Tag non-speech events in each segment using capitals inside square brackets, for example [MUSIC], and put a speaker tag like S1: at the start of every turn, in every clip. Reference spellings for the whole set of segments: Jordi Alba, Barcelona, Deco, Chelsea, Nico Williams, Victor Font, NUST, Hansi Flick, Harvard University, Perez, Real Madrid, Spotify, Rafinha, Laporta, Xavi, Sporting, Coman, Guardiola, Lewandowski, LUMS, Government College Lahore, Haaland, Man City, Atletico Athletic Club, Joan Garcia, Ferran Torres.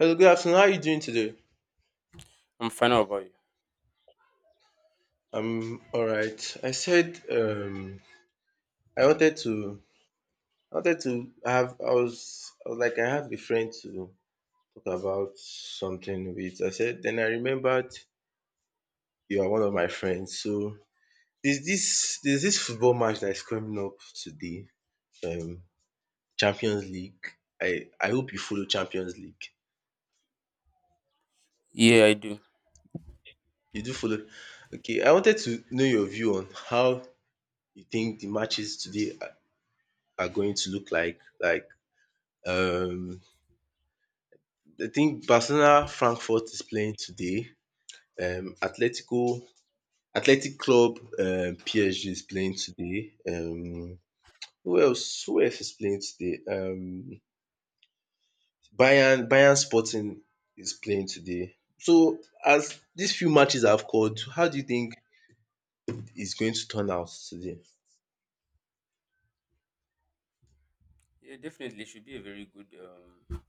S1: Hello, good afternoon. How are you doing today?
S2: I'm fine. How about you?
S1: I'm all right. I said I wanted to, I wanted to have. I was like, I have a friend to talk about something with. I said, then I remembered you are one of my friends. So there's this football match that is coming up today. Um, Champions League. I hope you follow Champions League.
S2: Yeah, I do.
S1: You do follow. Okay, I wanted to know your view on how you think the matches today are going to look like. Like Um, I think Barcelona Frankfurt is playing today. Atletico Athletic Club PSG is playing today. Who else? Who else is playing today? Bayern Sporting is playing today. So as these few matches I've called, how do you think it's going to turn out today?
S2: Yeah, definitely. It should be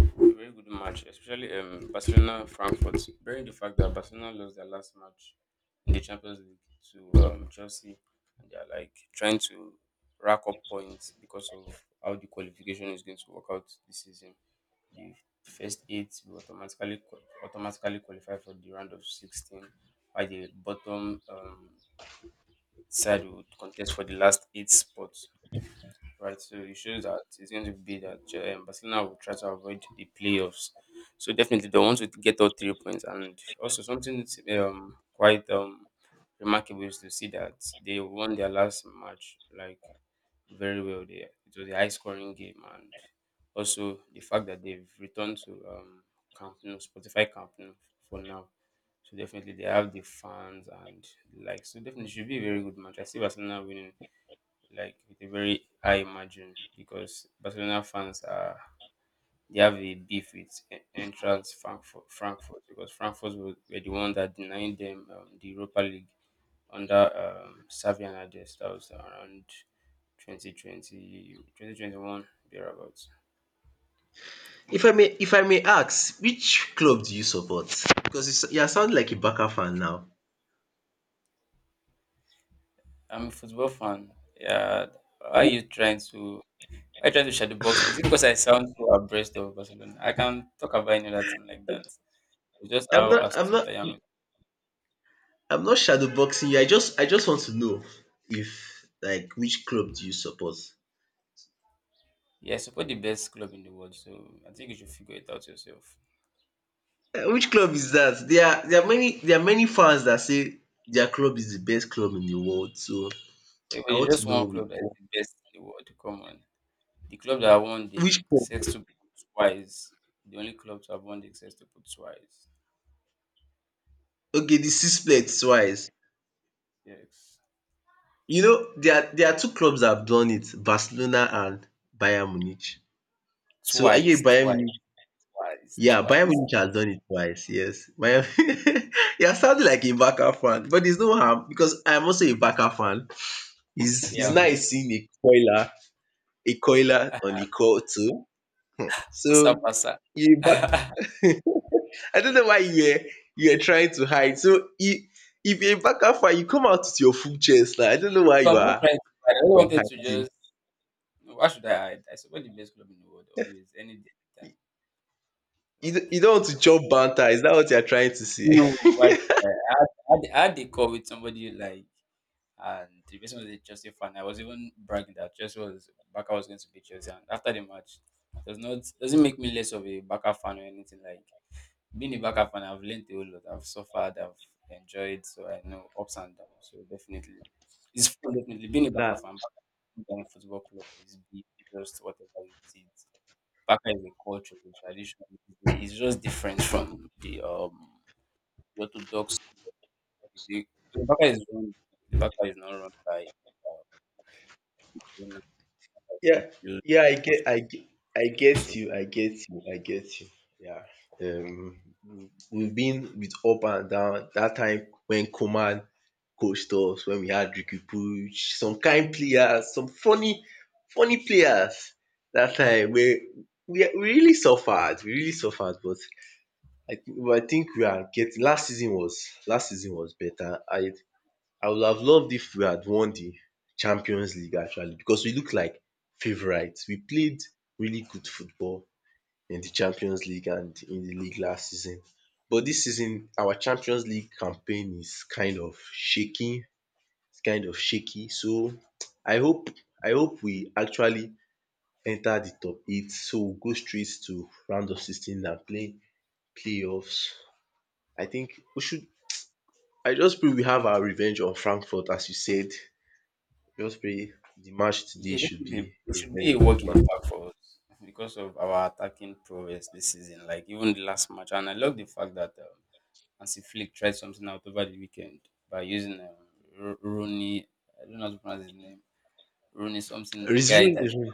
S2: a very good match, especially Barcelona Frankfurt. Bearing the fact that Barcelona lost their last match in the Champions League to Chelsea, and they are like trying to rack up points because of how the qualification is going to work out this season. The first eight will automatically qualify for the round of 16, while the bottom side will contest for the last eight spots. Right? So it shows that it's going to be that Barcelona will try to avoid the playoffs. So definitely they want to get all three points, and also something that's, quite remarkable is to see that they won their last match like very well. They it was a high scoring game, and also the fact that they've returned to Camp Nou, Spotify Camp Nou for now. So definitely they have the fans and the like, so definitely it should be a very good match. I see Barcelona winning like with a very high margin because Barcelona fans are they have a beef with en- entrance Frankfurt, because Frankfurt were the one that denied them the Europa League under Xavi Hernandez. That was around 2020, 2021, thereabouts.
S1: If I may ask, which club do you support? Because you are sounding like a Barca fan now.
S2: I'm a football fan. Yeah, why are you trying to? Why you trying to shadow box me? Is it because I sound so abreast of Barcelona? I can talk about any other team like that. It's just
S1: I'm
S2: how
S1: not. I'm
S2: astute
S1: not.
S2: I am.
S1: I'm not shadow boxing you. I just want to know if like which club do you support?
S2: Yeah, I support the best club in the world. So I think you should figure it out yourself.
S1: Eh, which club is that? There are many fans that say their club is the best club in the world. So
S2: If
S1: I
S2: it's
S1: want to
S2: just
S1: know
S2: one
S1: which
S2: club that is
S1: club.
S2: the best in the world, come on. The club that won the
S1: Which club?
S2: sextuple twice, the only club to have won the sextuple twice.
S1: Okay, the sixplex twice.
S2: Yes.
S1: You know there are two clubs that have done it: Barcelona and Bayern Munich. So are you a
S2: Twice,
S1: Bayern
S2: twice,
S1: Munich?
S2: twice,
S1: Yeah, Bayern
S2: twice.
S1: Munich has done it twice. Yes, Bayern. [LAUGHS] You're sounding like a Barca fan, but there's no harm because I'm also a Barca fan.
S2: Yeah,
S1: It's
S2: I mean,
S1: nice seeing a coiler on the call too.
S2: Basa
S1: So
S2: Basa.
S1: you back.
S2: [LAUGHS] No,
S1: [LAUGHS] I don't know why you were trying to hide. So if you're a backup fight, you come out with your full chest now. I don't know why
S2: I'm not trying to, but I do
S1: you are
S2: wanted to
S1: hiding.
S2: just, no, why should I hide? I support the best club in the world always, any day, any
S1: You
S2: time. Like,
S1: you don't
S2: I
S1: want
S2: mean,
S1: to
S2: been
S1: chop banter. Is that what you are trying to say?
S2: no,
S1: [LAUGHS]
S2: why should I? I had a call with somebody like, and the person was a Chelsea fan. I was even bragging that Chelsea was Baka was going to be Chelsea, and after the match, doesn't make me less of a Baka fan or anything. Like, being a Baka fan, I've learned a whole lot. I've suffered. I've enjoyed. So I know ups and downs. So definitely, it's fun. Definitely being a
S1: Nah.
S2: Baka fan. Baka African football club is big, just whatever it is. Baka is a culture, a tradition. It's just different from the orthodox. The Baka is run. The Baka is not run by, um, you know, so
S1: Yeah.
S2: you
S1: Yeah,
S2: have.
S1: I get you. I get you. I get you. Yeah. Um we've been with up and down. That time when Coman coached us, when we had Ricky Puch, some kind players, some funny players. That time we really suffered, but I I think we are getting. Last season was better. I would have loved if we had won the Champions League actually, because we looked like favourites. We played really good football in the Champions League and in the league last season, but this season our Champions League campaign is kind of shaky. It's kind of shaky. So I hope I hope we actually enter the top eight, so we'll go straight to round of 16 and play playoffs. I think we should I just pray we have our revenge on Frankfurt as you said. Just pray the match today
S2: Yeah,
S1: should
S2: definitely, is
S1: be
S2: it
S1: a
S2: should be a
S1: very good
S2: work in
S1: match.
S2: impact for us because of our attacking prowess this season. Like even the last match, and I love the fact that Hansi Flick tried something out over the weekend by using Rooney. I don't know how to pronounce his name. Rooney something, the guy that's
S1: Rizwan.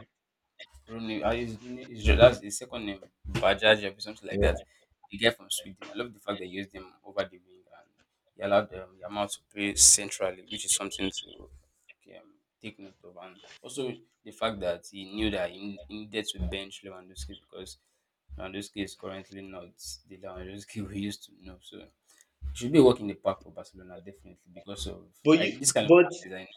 S2: Rooney. I use his, that's his second name, Bajaji or something like that.
S1: um
S2: The guy from Sweden. I love the fact they used him over the wing and he allowed Yamal to play centrally, which is something to, okay, take note of. And also the fact that he knew that he needed to bench Lewandowski because Lewandowski is currently not the Lewandowski [LAUGHS] we used to know. So it should be a walk in the park for Barcelona, definitely, because of
S1: but you
S2: this kind of
S1: but
S2: matches.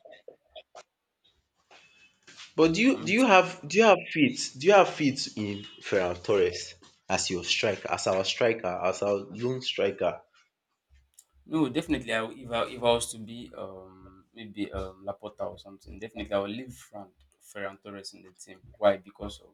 S2: I, I'm
S1: do you have faith in Ferran Torres as your striker as our lone striker?
S2: No, definitely. If I was to be maybe Laporta or something, definitely I would leave Fran Ferran Torres in the team. Why? Because of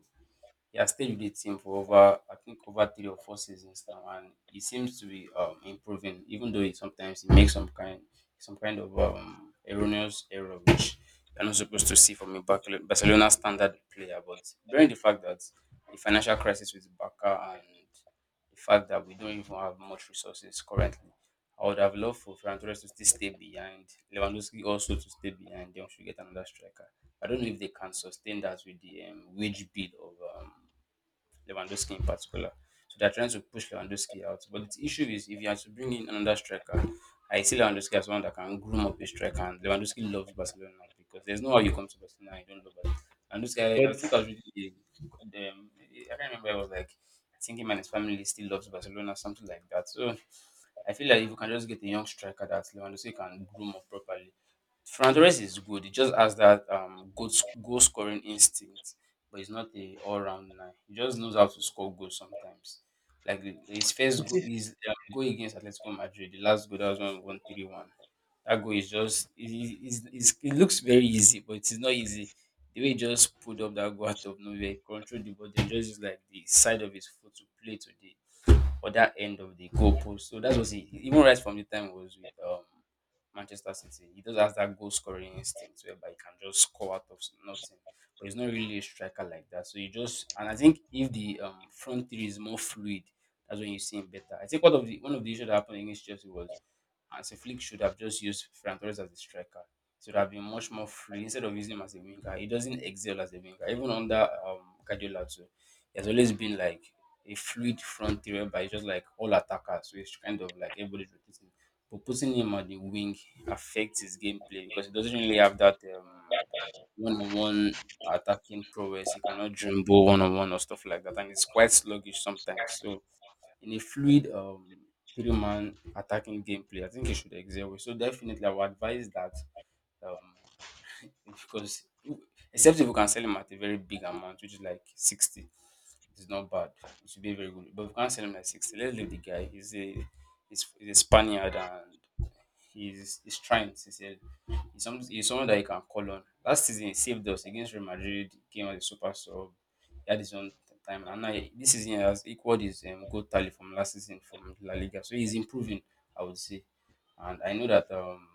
S2: he has stayed with the team for over, I think, over three or four seasons now, and he seems to be improving, even though he sometimes he makes some kind of erroneous error, which you're not supposed to see from a Barcelona standard player. But bearing the fact that the financial crisis with Barca and the fact that we don't even have much resources currently, I would have loved for Ferran Torres to still stay behind, Lewandowski also to stay behind. Then we should get another striker. I don't know if they can sustain that with the wage bill of Lewandowski in particular. So they're trying to push Lewandowski out. But the issue is, if you have to bring in another striker, I see Lewandowski as one that can groom up a striker. And Lewandowski loves Barcelona because there's no how you come to Barcelona and you don't love Barcelona. And this guy, I think I
S1: But
S2: was really, I can't remember, I was like, I think him and his family still loves Barcelona, something like that. So I feel like if you can just get a young striker that Lewandowski can groom up properly, Fran Torres is good. He just has that good goal scoring instinct, but he's not a all-round nine. He just knows how to score goals sometimes. Like his first goal, his goal against Atletico Madrid, the last goal that was 1-1, 3-1. That goal is just it it looks very easy, but it's not easy. The way he just pulled up that goal out of nowhere, controlled the ball, then just used like the side of his foot to play to the other end of the goalpost. So that was it. Even right from the time he was with Manchester City, he does have that goal scoring instinct whereby he can just score out of nothing. But he's not really a striker like that. So you just, and I think if the front three is more fluid, that's when you see him better. I think one of the issues that happened against Chelsea was as a Flick should have just used Ferran Torres as a striker. Should have been much more free instead of using him as a winger. He doesn't excel as a winger. Even under Guardiola too, he has always been like a fluid front three, but he's just like all attackers. So it's kind of like everybody's rotating. But putting him on the wing affects his gameplay because he doesn't really have that one-on-one attacking prowess. He cannot dribble one-on-one or stuff like that, and it's quite sluggish sometimes. So in a fluid three-man attacking gameplay, I think he should excel. So definitely I would advise that, um because, except if you can sell him at a very big amount, which is like 60, it's not bad. It should be very good. But if you can't sell him at 60, let's leave the guy. He's, he's a Spaniard and he's trying. He's someone that you can call on. Last season he saved us against Real Madrid. He came as a super sub. He had his own time. And now this season he has equaled his goal tally from last season from La Liga. So he's improving, I would say. And I know that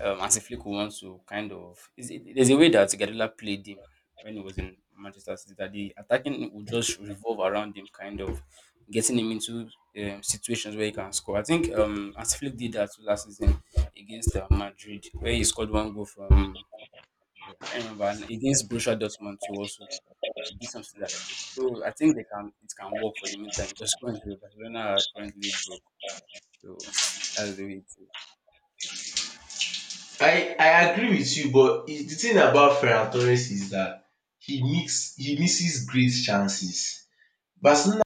S2: and Flick wants to, kind of, there's a way that Guardiola played him when he was in Manchester City that the attacking would just revolve around him, kind of getting him into situations where he can score. I think Hansi Flick did that last season against Madrid, where he scored one goal from. Yeah, I can't remember, and against Borussia Dortmund too. Also, he did something like that. So I think they can it can work for the meantime because currently Barcelona are currently broke. So [LAUGHS] that's the way it is.
S1: I agree with you, but is the thing about Ferran Torres is that he misses great chances. Barcelona.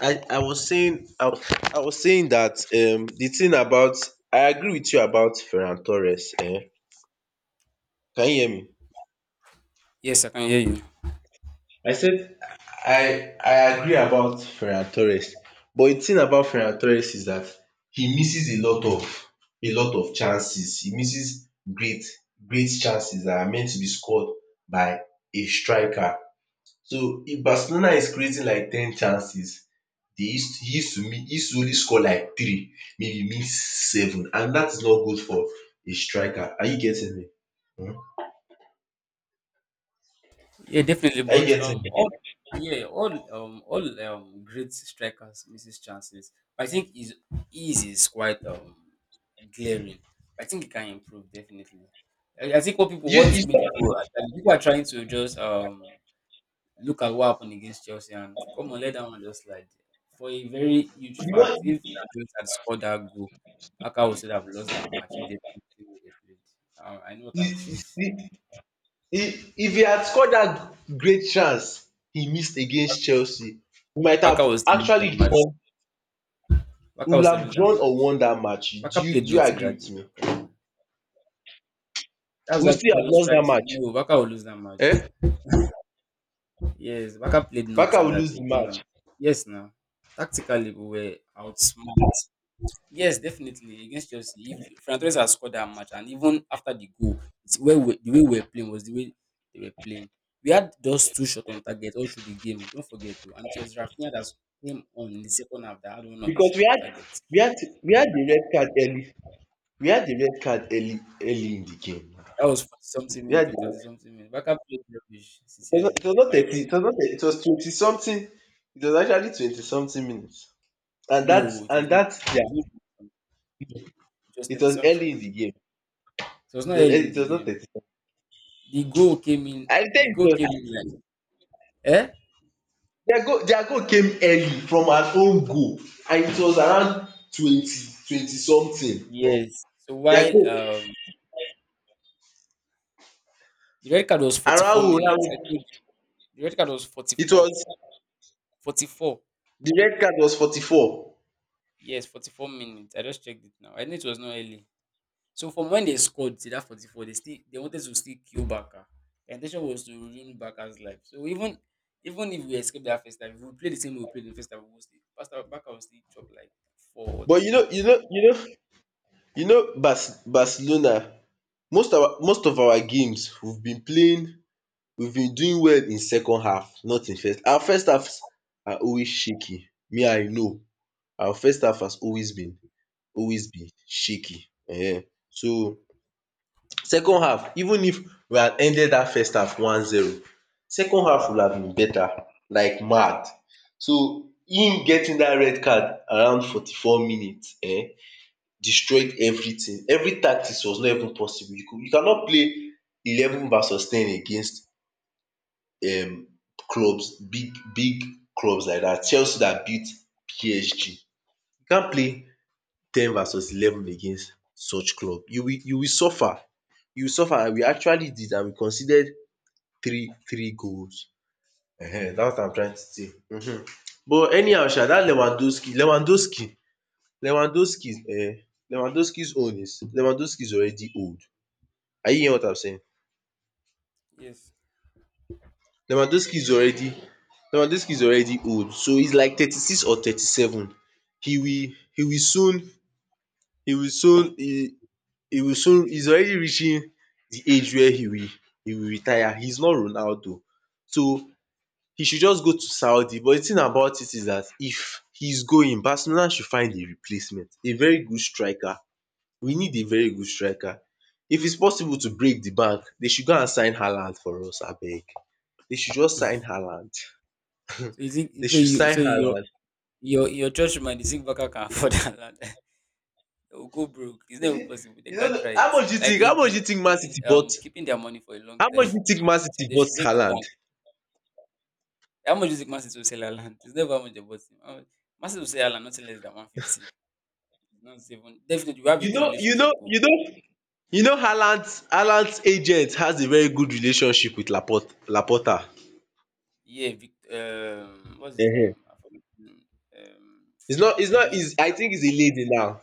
S1: I, I was saying I, was- I was saying that the thing about I agree with you about Ferran Torres. Eh? Can you hear me?
S2: Yes, I can hear you.
S1: I said I agree about Ferran Torres, but the thing about Ferran Torres is that he misses a lot of chances. He misses great chances that are meant to be scored by a striker. So if Barcelona is creating like ten chances, they used he used to only score like three, maybe miss seven, and that is not good for a striker. Are you getting me?
S2: Yeah, definitely.
S1: Are you
S2: But
S1: getting me?
S2: all yeah, all great strikers misses chances. I think his is quite glaring. I think he can improve definitely. I think
S1: You
S2: what
S1: you
S2: made
S1: saw
S2: people are trying to just look at what happened against Chelsea and come on, let that one just slide. For a very huge
S1: the
S2: fact,
S1: one
S2: if Andres had scored that goal, Aka would still have lost that match if they played the way they played. I know what
S1: you
S2: I'm
S1: you
S2: saying.
S1: see if he had scored that great chance he missed against Chelsea, we might
S2: [LAUGHS] Aka
S1: have
S2: was still lose that
S1: actually
S2: match.
S1: drawn we
S2: Waka will
S1: would
S2: still
S1: have
S2: lose that
S1: drawn or
S2: match.
S1: won that match.
S2: Baka played
S1: Do you
S2: nothing
S1: agree
S2: that
S1: with
S2: day now.
S1: me?
S2: Come on.
S1: We
S2: That's
S1: would
S2: what
S1: still
S2: I are
S1: have
S2: just
S1: lost that
S2: trying to
S1: match.
S2: know. Baka will lose that match.
S1: Eh?
S2: Yes, Baka played
S1: Barca
S2: nothing
S1: will
S2: that
S1: lose
S2: day.
S1: the
S2: Come on.
S1: match.
S2: Yes, now. Tactically, we were outsmarted. Yes, definitely. Against Chelsea, if Ferran Torres had scored that match, and even after the goal, it's where we, the way we were playing was the way they were playing. We had just two shot on target all through the game. Don't forget, too. And it was Rafinha that came on in the second half that had one of the
S1: Because
S2: shot on target.
S1: we had we had the red card early, we had the red card early early in the game.
S2: That was 40 something
S1: We
S2: minutes
S1: had
S2: or 30
S1: the
S2: something minutes. Baka played rubbish, sincerely.
S1: it was not
S2: Like,
S1: 30, it was 20 something. It was actually 20 something minutes. and that's
S2: No, it was
S1: and
S2: not.
S1: that
S2: It was
S1: yeah.
S2: not. It was
S1: it
S2: 30
S1: was
S2: something.
S1: early in
S2: It
S1: the game
S2: was not early in
S1: it
S2: the
S1: was not
S2: game.
S1: 30,
S2: The goal came in.
S1: I
S2: The
S1: think.
S2: goal
S1: You
S2: came in
S1: sef,
S2: like eh.
S1: their goal came early from an own goal, and it was around twenty twenty something.
S2: Yes. So
S1: Their
S2: while
S1: goal
S2: the red card was forty four
S1: around,
S2: minutes. I think the red card was forty
S1: it
S2: four.
S1: was
S2: 44.
S1: the red card, was 44.
S2: Yes, 44 minutes. I just checked it now. I knew it was not early. So from when they scored to that 44, they still they wanted to still kill Baka. The intention was to ruin Baka's life. So even if we escape that first time, if we play the same way we played in the first time, we will still. Pastor Baka will still chop like four or
S1: But you
S2: three.
S1: know, Barcelona, most of our games we've been doing well in second half, not in first. Our first halves are always shaky. Me, I know our first half has always been, shaky. So second half, even if we had ended dat first half one zero, second half would have been better, like mad. So him getting dat red card around 44 minutes destroyed everything. Every tactics was not even possible. You cannot play 11 versus ten against clubs, big clubs like that. Chelsea that beat PSG, you can't play ten versus 11 against such club. You will suffer, and we actually did, and we conceded three goals. Dats what I'm trying to say. But anyhow sha, that Lewandowski. Eh? Lewandowski is already old. Are you hearing what I'm saying?
S2: Yes.
S1: Lewandowski is already Lewandowski is already old, so he's like 36 or 37. He will soon he will soon he will soon. He's already reaching the age where he will retire. He is not Ronaldo. So he should just go to Saudi, but the thing about it is that if he's going, Barcelona should find a replacement, a very good striker. We need a very good striker. If it's possible to break the bank, they should go and sign Haaland for us abeg. They should just sign Haaland.
S2: So you think
S1: They
S2: so
S1: should
S2: you
S1: sign
S2: so your
S1: Haaland.
S2: your church man, the zinc backer can afford that land. [LAUGHS] They will go broke. It's never
S1: [LAUGHS]
S2: possible. They can't try
S1: How
S2: it.
S1: much do you
S2: Like
S1: think? How
S2: they've
S1: much do you
S2: been
S1: think Man
S2: they've been
S1: City bought?
S2: um keeping their money for a long
S1: How
S2: time.
S1: much do you think Man
S2: [LAUGHS] So if
S1: City
S2: they
S1: bought
S2: should break the
S1: Haaland?
S2: bank, how much is it Masses will sell our land? It's never how much they bought him. How much. Masses will sell our land nothing less than 150. Not even definitely we have a
S1: You
S2: good
S1: know, you know,
S2: relationship. Oh.
S1: you know, you know. Haaland's agent has a very good relationship with Laporta.
S2: Yeah, Vic, what's his
S1: Ehen.
S2: name? I forgot his name. Um,
S1: It's not. It's not.
S2: judgment.
S1: Is I think he's a lady now.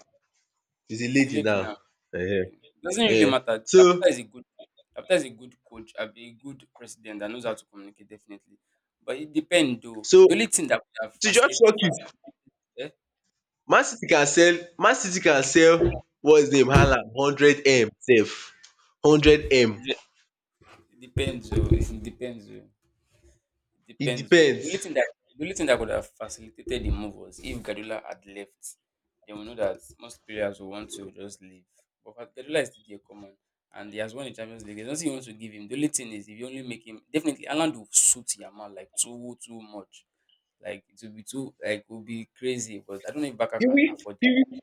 S1: He's a
S2: He's a
S1: lady
S2: lady
S1: now.
S2: now.
S1: Ehen.
S2: It doesn't really
S1: Yeah.
S2: matter.
S1: So
S2: Laporta is a good coach, a good president that knows how to communicate definitely. But it depends though. The
S1: so
S2: only thing that would have
S1: to just shock you,
S2: facilitated, eh?
S1: Man City can sell. Man City can sell. What's his name? Haaland hundred m. Safe. Hundred m.
S2: it depends though. It depends though. It
S1: It
S2: depends though.
S1: depends.
S2: The only thing that could have facilitated the move was if Gadula had left. Then we know that most players will want to just leave. But Gadula is still there, come on. And he has won the Champions League. There's nothing you want to give him. The only thing is if you only make him definitely Alan will suit Yamal like too much. Like it will be too like it will be crazy, but I don't know if Baka
S1: You
S2: can
S1: will,
S2: afford it.
S1: you will,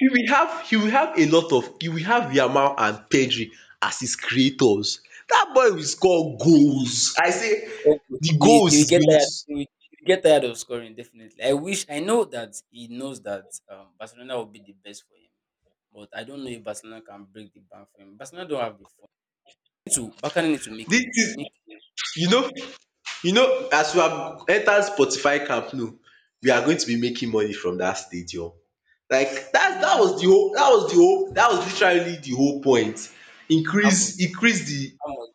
S1: you will have a lot of you will have Yamal and Pedri as his creators. That boy will score goals. I
S2: He
S1: say
S2: will score
S1: the goals
S2: he will
S1: is
S2: get
S1: going to.
S2: tired. He will get tired of scoring definitely. I wish I know that he knows that Barcelona will be the best for him, but I don't know if Barcelona can break the bank for him. Barcelona don't have the fund. Need to Barca need to make
S1: This
S2: it
S1: is
S2: make it.
S1: You know, as we have entered Spotify camp now, we are going to be making money from dat stadium. That was literally the whole point.
S2: how
S1: Increase.
S2: much
S1: Increase the
S2: how much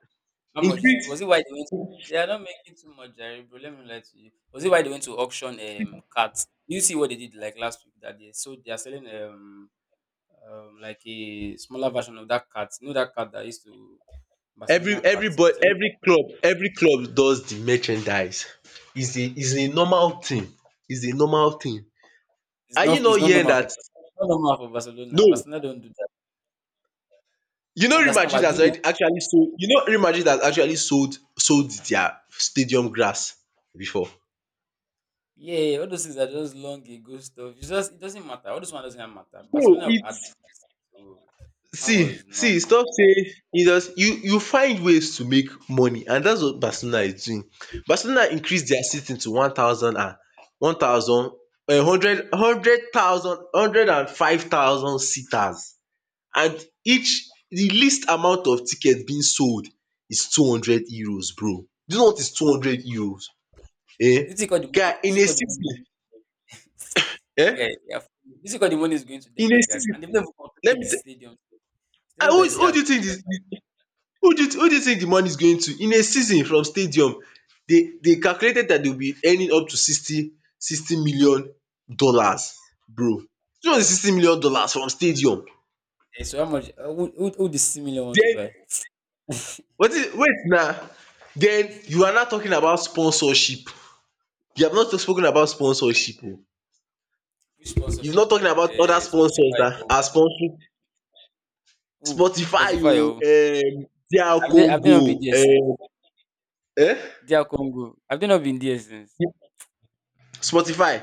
S2: how much is it?
S1: increase
S2: Was it why they went they are not making too much, Jerry, bro. Let me lie to you. Was it why they went to auction cats? You see what they did like last week that they are selling like a smaller version of that cat. You know that cat that used to Barcelona cat. They're selling that.
S1: every club does the merchandise. Is a normal thing. is a normal thing are you
S2: It's
S1: not
S2: not
S1: hearing
S2: normal for
S1: that? No.
S2: Barcelona. Don't do that. I understand why doing it.
S1: Real Madrid has actually sold their stadium grass before.
S2: Yeah, all those things are just long ago stuff. It's just it doesn't matter. All those one doesn't matter.
S1: So
S2: Barcelona had
S1: it's
S2: prices, so that was
S1: See,
S2: no.
S1: stop saying. You just you You find ways to make money, and that's what Barcelona is doing. Barcelona increase dia seating to one thousand and one thousand hundred hundred thousand hundred and five thousand seaters, and each the least amount of tickets being sold is €200, bro. Do you know what is €200? Eh, guy,
S2: You
S1: in a
S2: think all the money?
S1: season,
S2: [LAUGHS] This guy,
S1: eh?
S2: yeah, you think all the money is going to them
S1: In a
S2: like that?
S1: season,
S2: And they've never
S1: let
S2: completed
S1: me
S2: the
S1: tell.
S2: stadium.
S1: Ah,
S2: Stadium that you see
S1: Who
S2: has
S1: do you think
S2: 45.
S1: is. Who do you think the money is going to? In a season from stadium, they calculated that they'll be earning up to sixty million dollars, bro. $260 million from stadium.
S2: So how much? Who the similar wants to buy?
S1: Den wetin wait na, den you are now talking about sponsorship. You have not spoken about sponsorship o.
S2: Which
S1: You've
S2: sponsorship?
S1: not talking about other
S2: Uh,
S1: sponsors
S2: Spotify.
S1: that are
S2: Oh,
S1: sponsoring
S2: Ooh,
S1: Spotify
S2: Spotify.
S1: o.
S2: Oh,
S1: DR
S2: have have they not been
S1: Congo.
S2: there since?
S1: Um
S2: Dear Congo, have they not been there since?
S1: Spotify.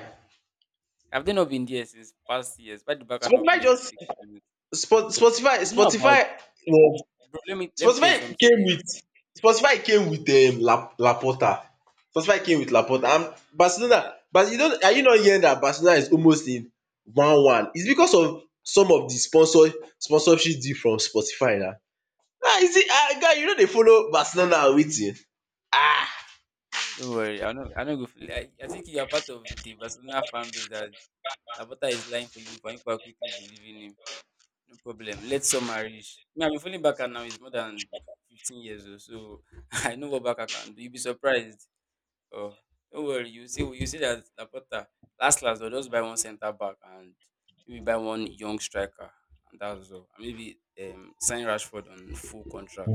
S2: Have they not been there since past years? Why the back not
S1: Spotify
S2: make
S1: just
S2: big sense? It's not about.
S1: Spotify was
S2: Bro, let me tell you
S1: Spotify
S2: something.
S1: came with Spotify came with La Laporta. Spotify came with Laporta and
S2: Yeah,
S1: Barcelona. But you don't are you not hearing that Barcelona is almost in one one? It's because of some of the sponsorship deal from Spotify na. Ah, is it? Ah, guy, you know they follow Barcelona or wetin? Ah
S2: don't worry, I know. Go. I think you are part of the Barcelona fan base that Labota is lying for you, and people are quickly believing him. No problem. Let's some marriage. Me, I'm feeling back now. He's more than 15 years old, so [LAUGHS] I know what back can do. You'll be surprised. Oh, don't worry. You see that Laporta last they'll just buy one centre back and maybe buy one young striker, and that's all. And maybe sign Rashford on full contract.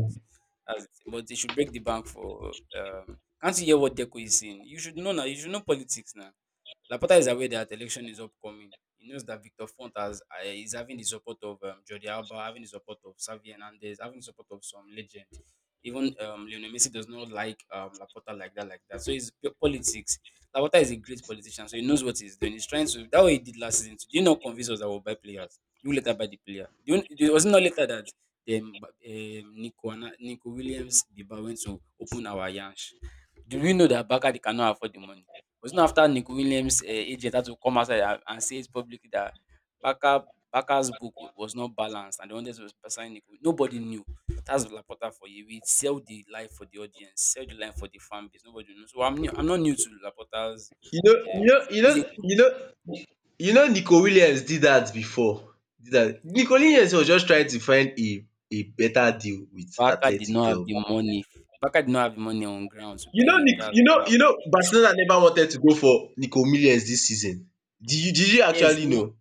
S2: That's it. But they should break the bank for. Can't you hear what Deco is saying? You should know now. You should know politics now. Laporta is aware that election is upcoming. He knows that Victor Font is having the support of Jordi Alba, having the support of Xavi Hernandez, having the support of some legend. Even Lionel Messi does not like Laporta like that. So it's politics. Laporta is a great politician, so he knows what he's doing. He's trying to. That way he did last season, too. Did you not convince us that we'll buy players? You later buy the player. Do you, it was not later that Nico Williams Biba went to open our Yansh. Do we know that Bakari cannot afford the money? Was not after Nick Williams' agent had to come outside and, say it publicly that Baka Baka's book was not balanced and they wanted to sign Nick? Nobody knew. That's Laporta for you. We sell the life for the audience, sell the line for the fan base. Nobody knows. So I'm not new to Laporta's.
S1: you know you
S2: Um,
S1: know you
S2: he's
S1: know
S2: a good
S1: you know you know Nico Williams did that before. Did that, Nico Williams was just trying to find a better deal with
S2: Baka did
S1: Athletic
S2: not have
S1: Club.
S2: the money. Baka did not have the money on ground to
S1: You know,
S2: pay him.
S1: Nick,
S2: That's what
S1: you
S2: happened.
S1: know, Barcelona never wanted to go for Nico Williams this season. Did you
S2: Yes,
S1: actually know?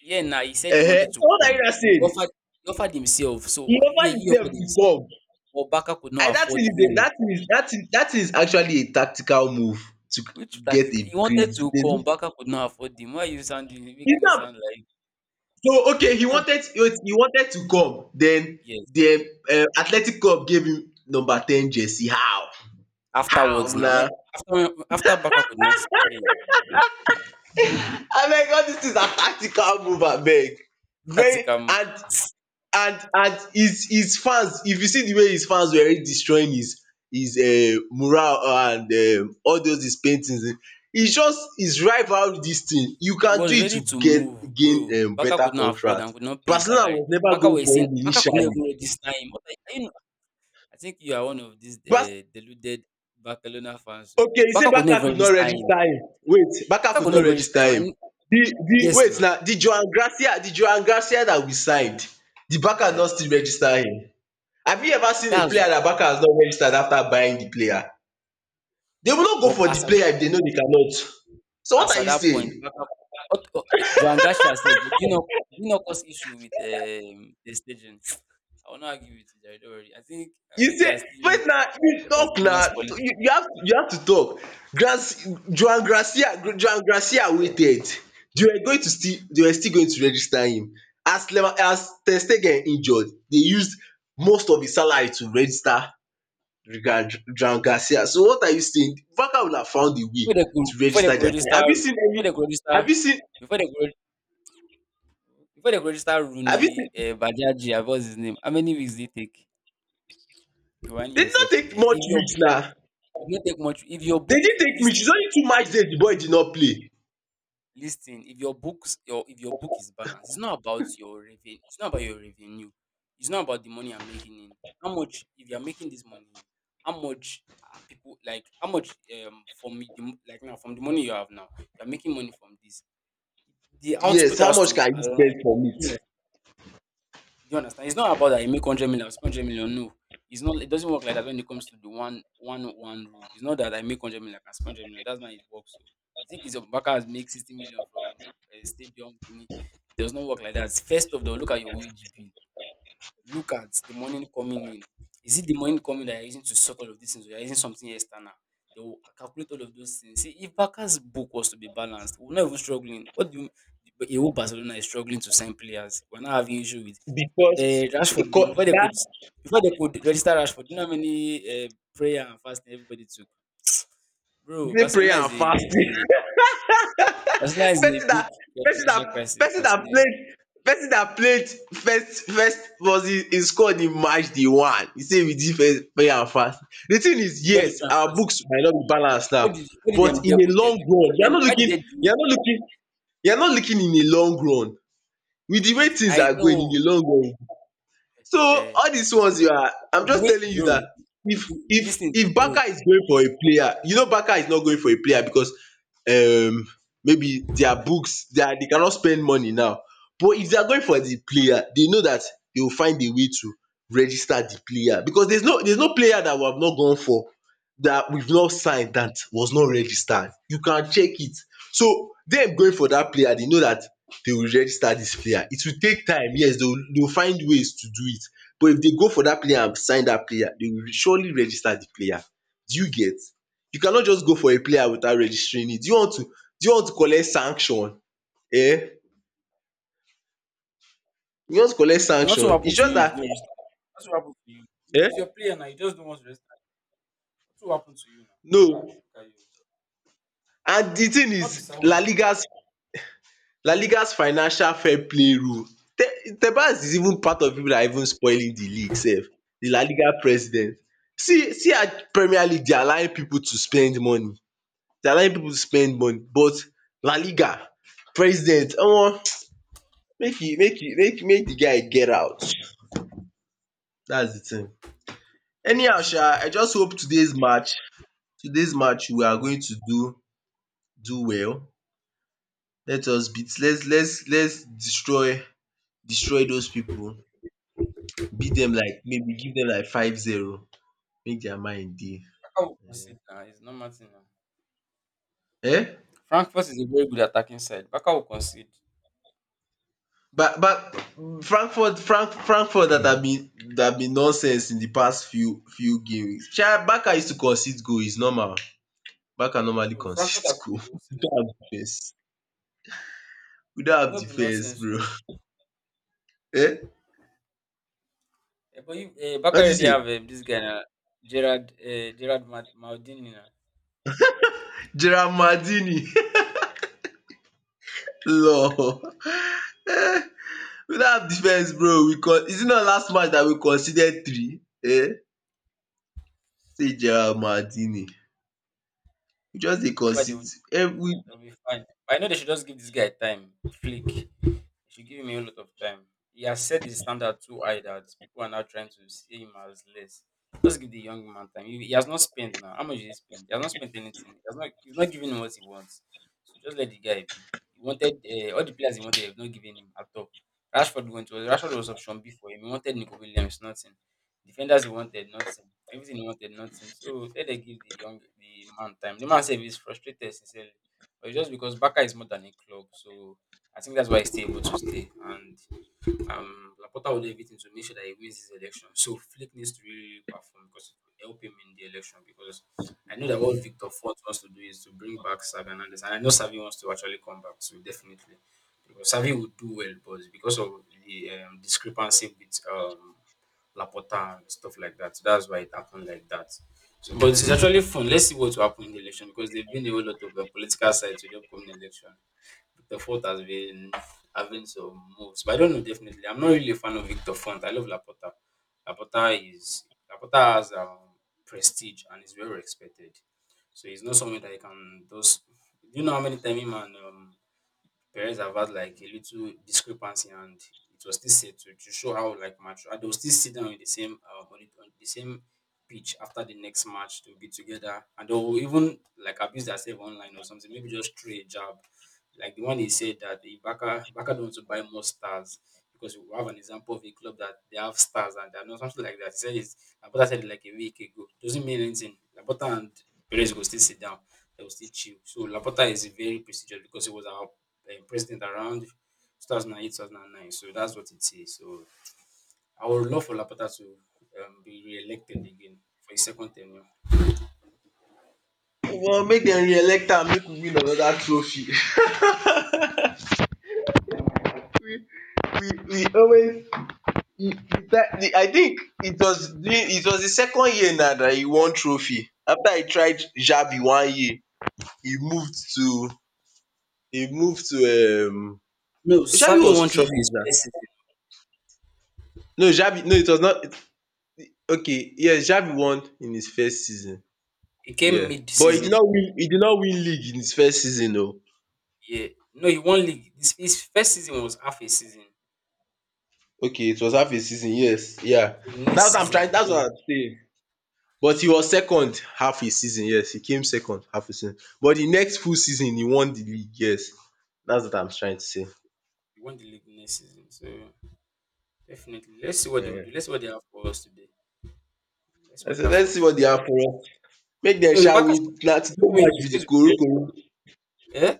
S2: yeah. Now he said he
S1: Uh-huh.
S2: wanted to
S1: So what are you
S2: come.
S1: now saying?
S2: He offered himself.
S1: He
S2: So yeah,
S1: offered
S2: he offered
S1: himself to
S2: himself.
S1: come.
S2: But Baka could
S1: I
S2: not
S1: that thing
S2: afford
S1: is a,
S2: him.
S1: that thing is actually a tactical move to
S2: Which
S1: get
S2: taxi c
S1: a
S2: He
S1: great.
S2: wanted to come,
S1: there's-
S2: Baka could not afford him. Why are you sounding
S1: He's
S2: making it
S1: not,
S2: sound like
S1: so okay.
S2: cannot be?
S1: He wanted to come. Then
S2: Yes,
S1: the Athletic Club gave him number ten jersey. How? How
S2: afterwards now,
S1: now?
S2: when after Baka could not pay him,
S1: I mean, all these things are tactical move. I beg.
S2: this taxi
S1: Very,
S2: cam,
S1: and and his fans, if you see the way his fans were already destroying his morale and all those his paintings, its just is rival, this thing you
S2: he
S1: can do
S2: was
S1: it
S2: ready
S1: to
S2: to
S1: get
S2: move,
S1: gain
S2: bro. Baka
S1: better
S2: could not afford
S1: contract.
S2: and could not pay his
S1: Barcelona
S2: salary.
S1: was never
S2: Baka
S1: going
S2: was
S1: for
S2: saying
S1: him
S2: Baka could not
S1: initially.
S2: even register him. What are you, are you? I think you are one of these
S1: Bas
S2: deluded Barcelona fans. So.
S1: Okay, you say
S2: Baka could
S1: Barca
S2: never
S1: could not
S2: register him.
S1: register him. Wait, Barca
S2: Baka
S1: could
S2: could
S1: not
S2: never register
S1: register
S2: him.
S1: him?
S2: And
S1: The the
S2: yes,
S1: wait
S2: now
S1: na the Joan Gracia that we signed, the Barca
S2: uh,
S1: no still register him? Have you ever seen a
S2: that's
S1: player that Barca has not registered after buying the player? They will not go
S2: Bob
S1: for the
S2: as
S1: player if they know they cannot. So what
S2: As
S1: are
S2: at
S1: you
S2: that point,
S1: saying?
S2: Barca what Joan Garcia sef did you know, did he not cause issue with the staging? [TSK] I will not argue with you jare, don't worry. I
S1: You
S2: think he
S1: say
S2: has still
S1: Wait
S2: new to
S1: now, you
S2: the
S1: tok na,
S2: Barcelona's
S1: you
S2: politics.
S1: you have to talk. Tok joan garcia Joan Garcia
S2: Yeah.
S1: waited, dey were still going to register him as Lever, as Ter Stegen injured. They used most of his salary to register Joan Garcia. So what are you saying? Barca will have found a way to
S2: Before they
S1: register
S2: could
S1: dia player.
S2: before they could
S1: Have
S2: register
S1: you seen?
S2: before they could before they could register
S1: Abi see
S2: Rooney Badiachi abi was his name, how many weeks did it take? You hang
S1: Dey did not
S2: yourself for
S1: take
S2: there.
S1: much reach na,
S2: If you no take much if your
S1: dey
S2: book
S1: didn't take reach, its
S2: listing."
S1: only two match days di boy did not play.
S2: Listen, if your book is balanced, it's not about your revenue. It's not about your revenue. It's not about the money you're making in. How much if you're making this money in? How much are people like? How much from the like now from the money you have now? You're making money from this. The
S1: Yes,
S2: output
S1: how
S2: has
S1: much
S2: to
S1: can you
S2: align.
S1: spend for meat?
S2: Do you understand? It's not about that you make 100 million, I spend 100 million. No, it's not. It doesn't work like that when it comes to the one rule. It's not that I make 100 million, I can spend 100 million. That's not how it works. So you think it's Baka has make 60 million from a stadium? Guinea. It does not work like that. First of all, look at your wage bill, look at the money coming in. Is it the money coming that you're using to sort all of these things, or you're using something external? They will calculate all of those things. See, if Barca's book was to be balanced, we're not even struggling. What do you, but you whole Barcelona is struggling to sign players? We're not having issue with
S1: Becos
S2: Rashford gone
S1: dat.
S2: before they could register Rashford. You know how many prayer and fasting everybody took, bro.
S1: Between prayer and fasting,
S2: Barcelona
S1: [LAUGHS]
S2: is in a
S1: pesin dat
S2: big
S1: pesin dat
S2: financial crisis.
S1: pesin
S2: I
S1: dat
S2: say,
S1: played pesin dat played first, was im scored in match day one. E say wit di first prayer and fasting di tin is,
S2: you don't look
S1: yes,
S2: at
S1: our
S2: fast.
S1: books might not be balanced now,
S2: What did
S1: but
S2: them
S1: in a
S2: Deco tell
S1: long
S2: him?
S1: run
S2: What
S1: you are
S2: them?
S1: not
S2: Why did
S1: looking.
S2: they
S1: you
S2: delay?
S1: are not looking you are not looking in a long run with di way
S2: Okay,
S1: tins
S2: I
S1: are going in di
S2: know.
S1: long run. So
S2: Eh,
S1: all dis ones you are, I'm
S2: the
S1: just
S2: way,
S1: telling you
S2: bro,
S1: dat,
S2: you, listen to
S1: if
S2: bro.
S1: Barca is going for a player, you know Barca is not going for a player becos um maybe dia books dey cannot spend money now, but if dey are going for di player, dey know dat dey will find a way to register di player, becos theres no player dat we have not gone for, dat weve not signed, dat was not registered. You can check it. So dem going for dat player, dey know dat they will register dis player. It will take time, yes, dey will find ways to do it. But if dey go for dat player and sign dat player, dey will surely register di player. Do you get? You cannot just go for a player without registering it. Do you want to, do you want to collect sanction, um? You want to collect
S2: Nothing will
S1: sanction?
S2: happen
S1: Its
S2: to
S1: just
S2: you if you
S1: dat,
S2: don't restart. Nothing will happen to you. It's your
S1: um
S2: player now. You just don't want to restart. Nothing will happen to you now.
S1: no.
S2: Ah, look at you.
S1: And di thing
S2: You not be
S1: is
S2: sad.
S1: La Liga, la ligas financial fair play rule. Tebas is even part of people that are even spoiling the league sef, the La Liga president. See at Premier League they're allowing people to spend money. They're allowing people to spend money, but La Liga president, omo, make e make e make make the guy get out. That's the thing. Anyhow sha, I just hope todays match, todays match we are going to do do well. Let us beat, let's destroy destroy those people. Beat dem like maybe give dem like 5-0, make dia mind dey.
S2: Baka will concede now. It's not matter now.
S1: um
S2: Frankfurt is a very good attacking side. Baka will concede.
S1: but Frankfurt, Frankfurt dat have been nonsense in di past few games. Sha Barca used to concede goal, is normal. Barca normally
S2: No, Frankfurt
S1: concede
S2: has
S1: [LAUGHS]
S2: not
S1: goal.
S2: been
S1: We
S2: nonsense.
S1: don't have
S2: Oh.
S1: defense, we don't
S2: It's
S1: have
S2: not been
S1: defense,
S2: nonsense. Oh.
S1: bro. [LAUGHS] um
S2: Eh, but you, Baka
S1: what dis
S2: already
S1: thing?
S2: have this guy now, Gerard Maldini now.
S1: Gerard Maldini. [LAUGHS] Lor, um we don't [LAUGHS] have defense, bro. Is it not last match dat we conceded three? See Gerard Maldini. We just dey
S2: Whatever they
S1: consis
S2: will do,
S1: ten. We
S2: they'll be fine. But I know they should just give this guy time. Flick. It should give him a lot of time. He has set the standard too high that people are now trying to see him as less. Just give the young man time. He has not spent now. How much did he spend? He has not spent anything. He's not giving him what he wants. So just let the guy be. He wanted all the players he wanted, have not given him at all. Rashford went to Rashford was option B for him. He wanted Nico Williams, nothing. Defenders he wanted, nothing. Everything he wanted, nothing. So let them give the man time. The man said he's frustrated sincerely. But it's just because Baka is more than a club. So I think that's why he's still able to stay. And Laporta will do everything to make sure that he wins this election. So Flick needs to really perform because it will help him in the election. Because I know that what Victor Fort wants to do is to bring back Savi Hernandez. And I know Savi wants to actually come back too, definitely. Because Savi would do well, but because of the discrepancy with Laporta and stuff like that, so that's why it happened like that. So, but it's actually fun. Let's see what will happen in the election because there have been a whole lot of political sides to the upcoming election. Victor Fort has been having some moves, but I don't know definitely. I'm not really a fan of Victor Font. I love Laporta. Laporta is Laporta has prestige and is well respected. So he's not someone that you can just. Do you know how many times him and Perez have had like a little discrepancy, and it was still said to show how like mature. And they will still sit down with the same on the same pitch after the next match to be together and they will even like abuse themselves online or something. Maybe just throw a jab. Like the one he said that the Baka don't want to buy more stars because we have an example of a club that they have stars and they're not something like that. He said it's Labota said it like a week ago. Doesn't mean anything. Labota and Perez will still sit down. They will still chill. So Labota is very prestigious because he was our president around 2008, 2009. So that's what it is. So I would love for Lapata to be re-elected again for his second tenure.
S1: Want make dem re-elect am, make we win another trophy. [LAUGHS] We always, e try the. I think it was during, it was the second year na that he won trophy, after e tried Xavi one year. he moved to he moved to um
S2: No,
S1: Xavi
S2: Savi won
S1: was two
S2: trophy
S1: years
S2: his
S1: na.
S2: first season.
S1: No, Xavi, no, it was not. Okay, yes, Xavi won in his first season.
S2: He came
S1: Yeah, but he
S2: mid-season.
S1: did not win, he did not win league in his first season oo.
S2: Yeah, no, he won league. His first season was half a season.
S1: Okay, it was half a season, yes, yeah.
S2: So the
S1: That's
S2: next
S1: what I'm
S2: season
S1: trying,
S2: he
S1: that's what
S2: won.
S1: I'm saying, but e was second half a season. Yes, e came second half a season, but the next full season e won the league, yes. That's what I'm trying to say.
S2: He won the league next season. So definitely, let's see what they will
S1: um
S2: do. Let's see what they have for us today. Let's see
S1: I
S2: what
S1: say
S2: they have
S1: let's
S2: for
S1: see
S2: us.
S1: what they have for us. Make dem
S2: No, the
S1: sha
S2: Packers
S1: win na,
S2: they
S1: today
S2: don't win.
S1: match
S2: It's
S1: be the
S2: going to
S1: korikori.
S2: be very.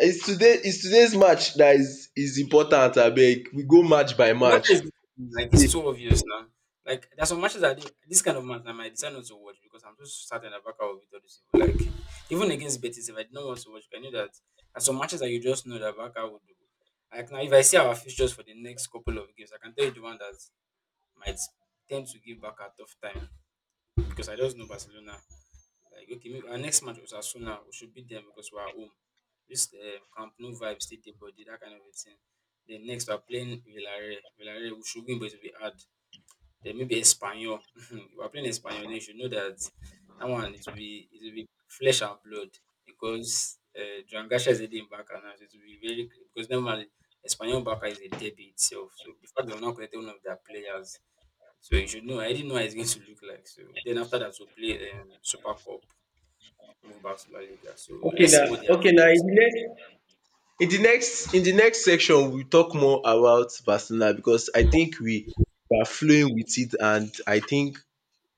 S1: Is today, is today's match that is important abeg, we go match by
S2: Obaka
S1: match.
S2: is the thing, like it's so obvious now. Like there's some matches that I do, this kind of match I might decide not to watch because I'm just certain Abaka will beat all these people. Like even against Betis, if I did not want to watch, I knew that there's some matches that you just know that Abaka would do. Like now, if I see our fixtures for the next couple of games, I can tell you the one that might tend to give back a tough time because I just know Barcelona. Like okay, maybe our next match was Asuna. We should beat them because we are home. This Camp Nou vibe still dey body, that kind of a thing. Then next we are playing Villarreal. Villarreal we should win, but it will be hard. Then maybe Espanyol. [LAUGHS] If we are playing Espanyol, then you should know that that one it will be flesh and blood because Joan Garcia is a dim backer now, so it will be very because normally Espanyol backer is a derby itself. So the fact they will not collect one of their players so you should know. I didn't know how it's going to look like. So then after that, we'll play Super Cup move back to La Liga. So
S1: okay
S2: let's
S1: na
S2: see what they have
S1: okay na,
S2: for us.
S1: in the next section we talk more about Barcelona, because I think we are flowing with it and I think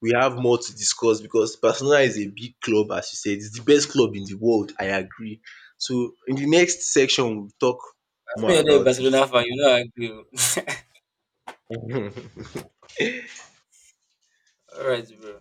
S1: we have more to discuss because Barcelona is a big club, as you said. It's the best club in the world. I agree. So in the next section, we'll talk
S2: As me,
S1: more
S2: you're not a
S1: about it.
S2: Barcelona fan, you know I agree. [LAUGHS] All right, bro.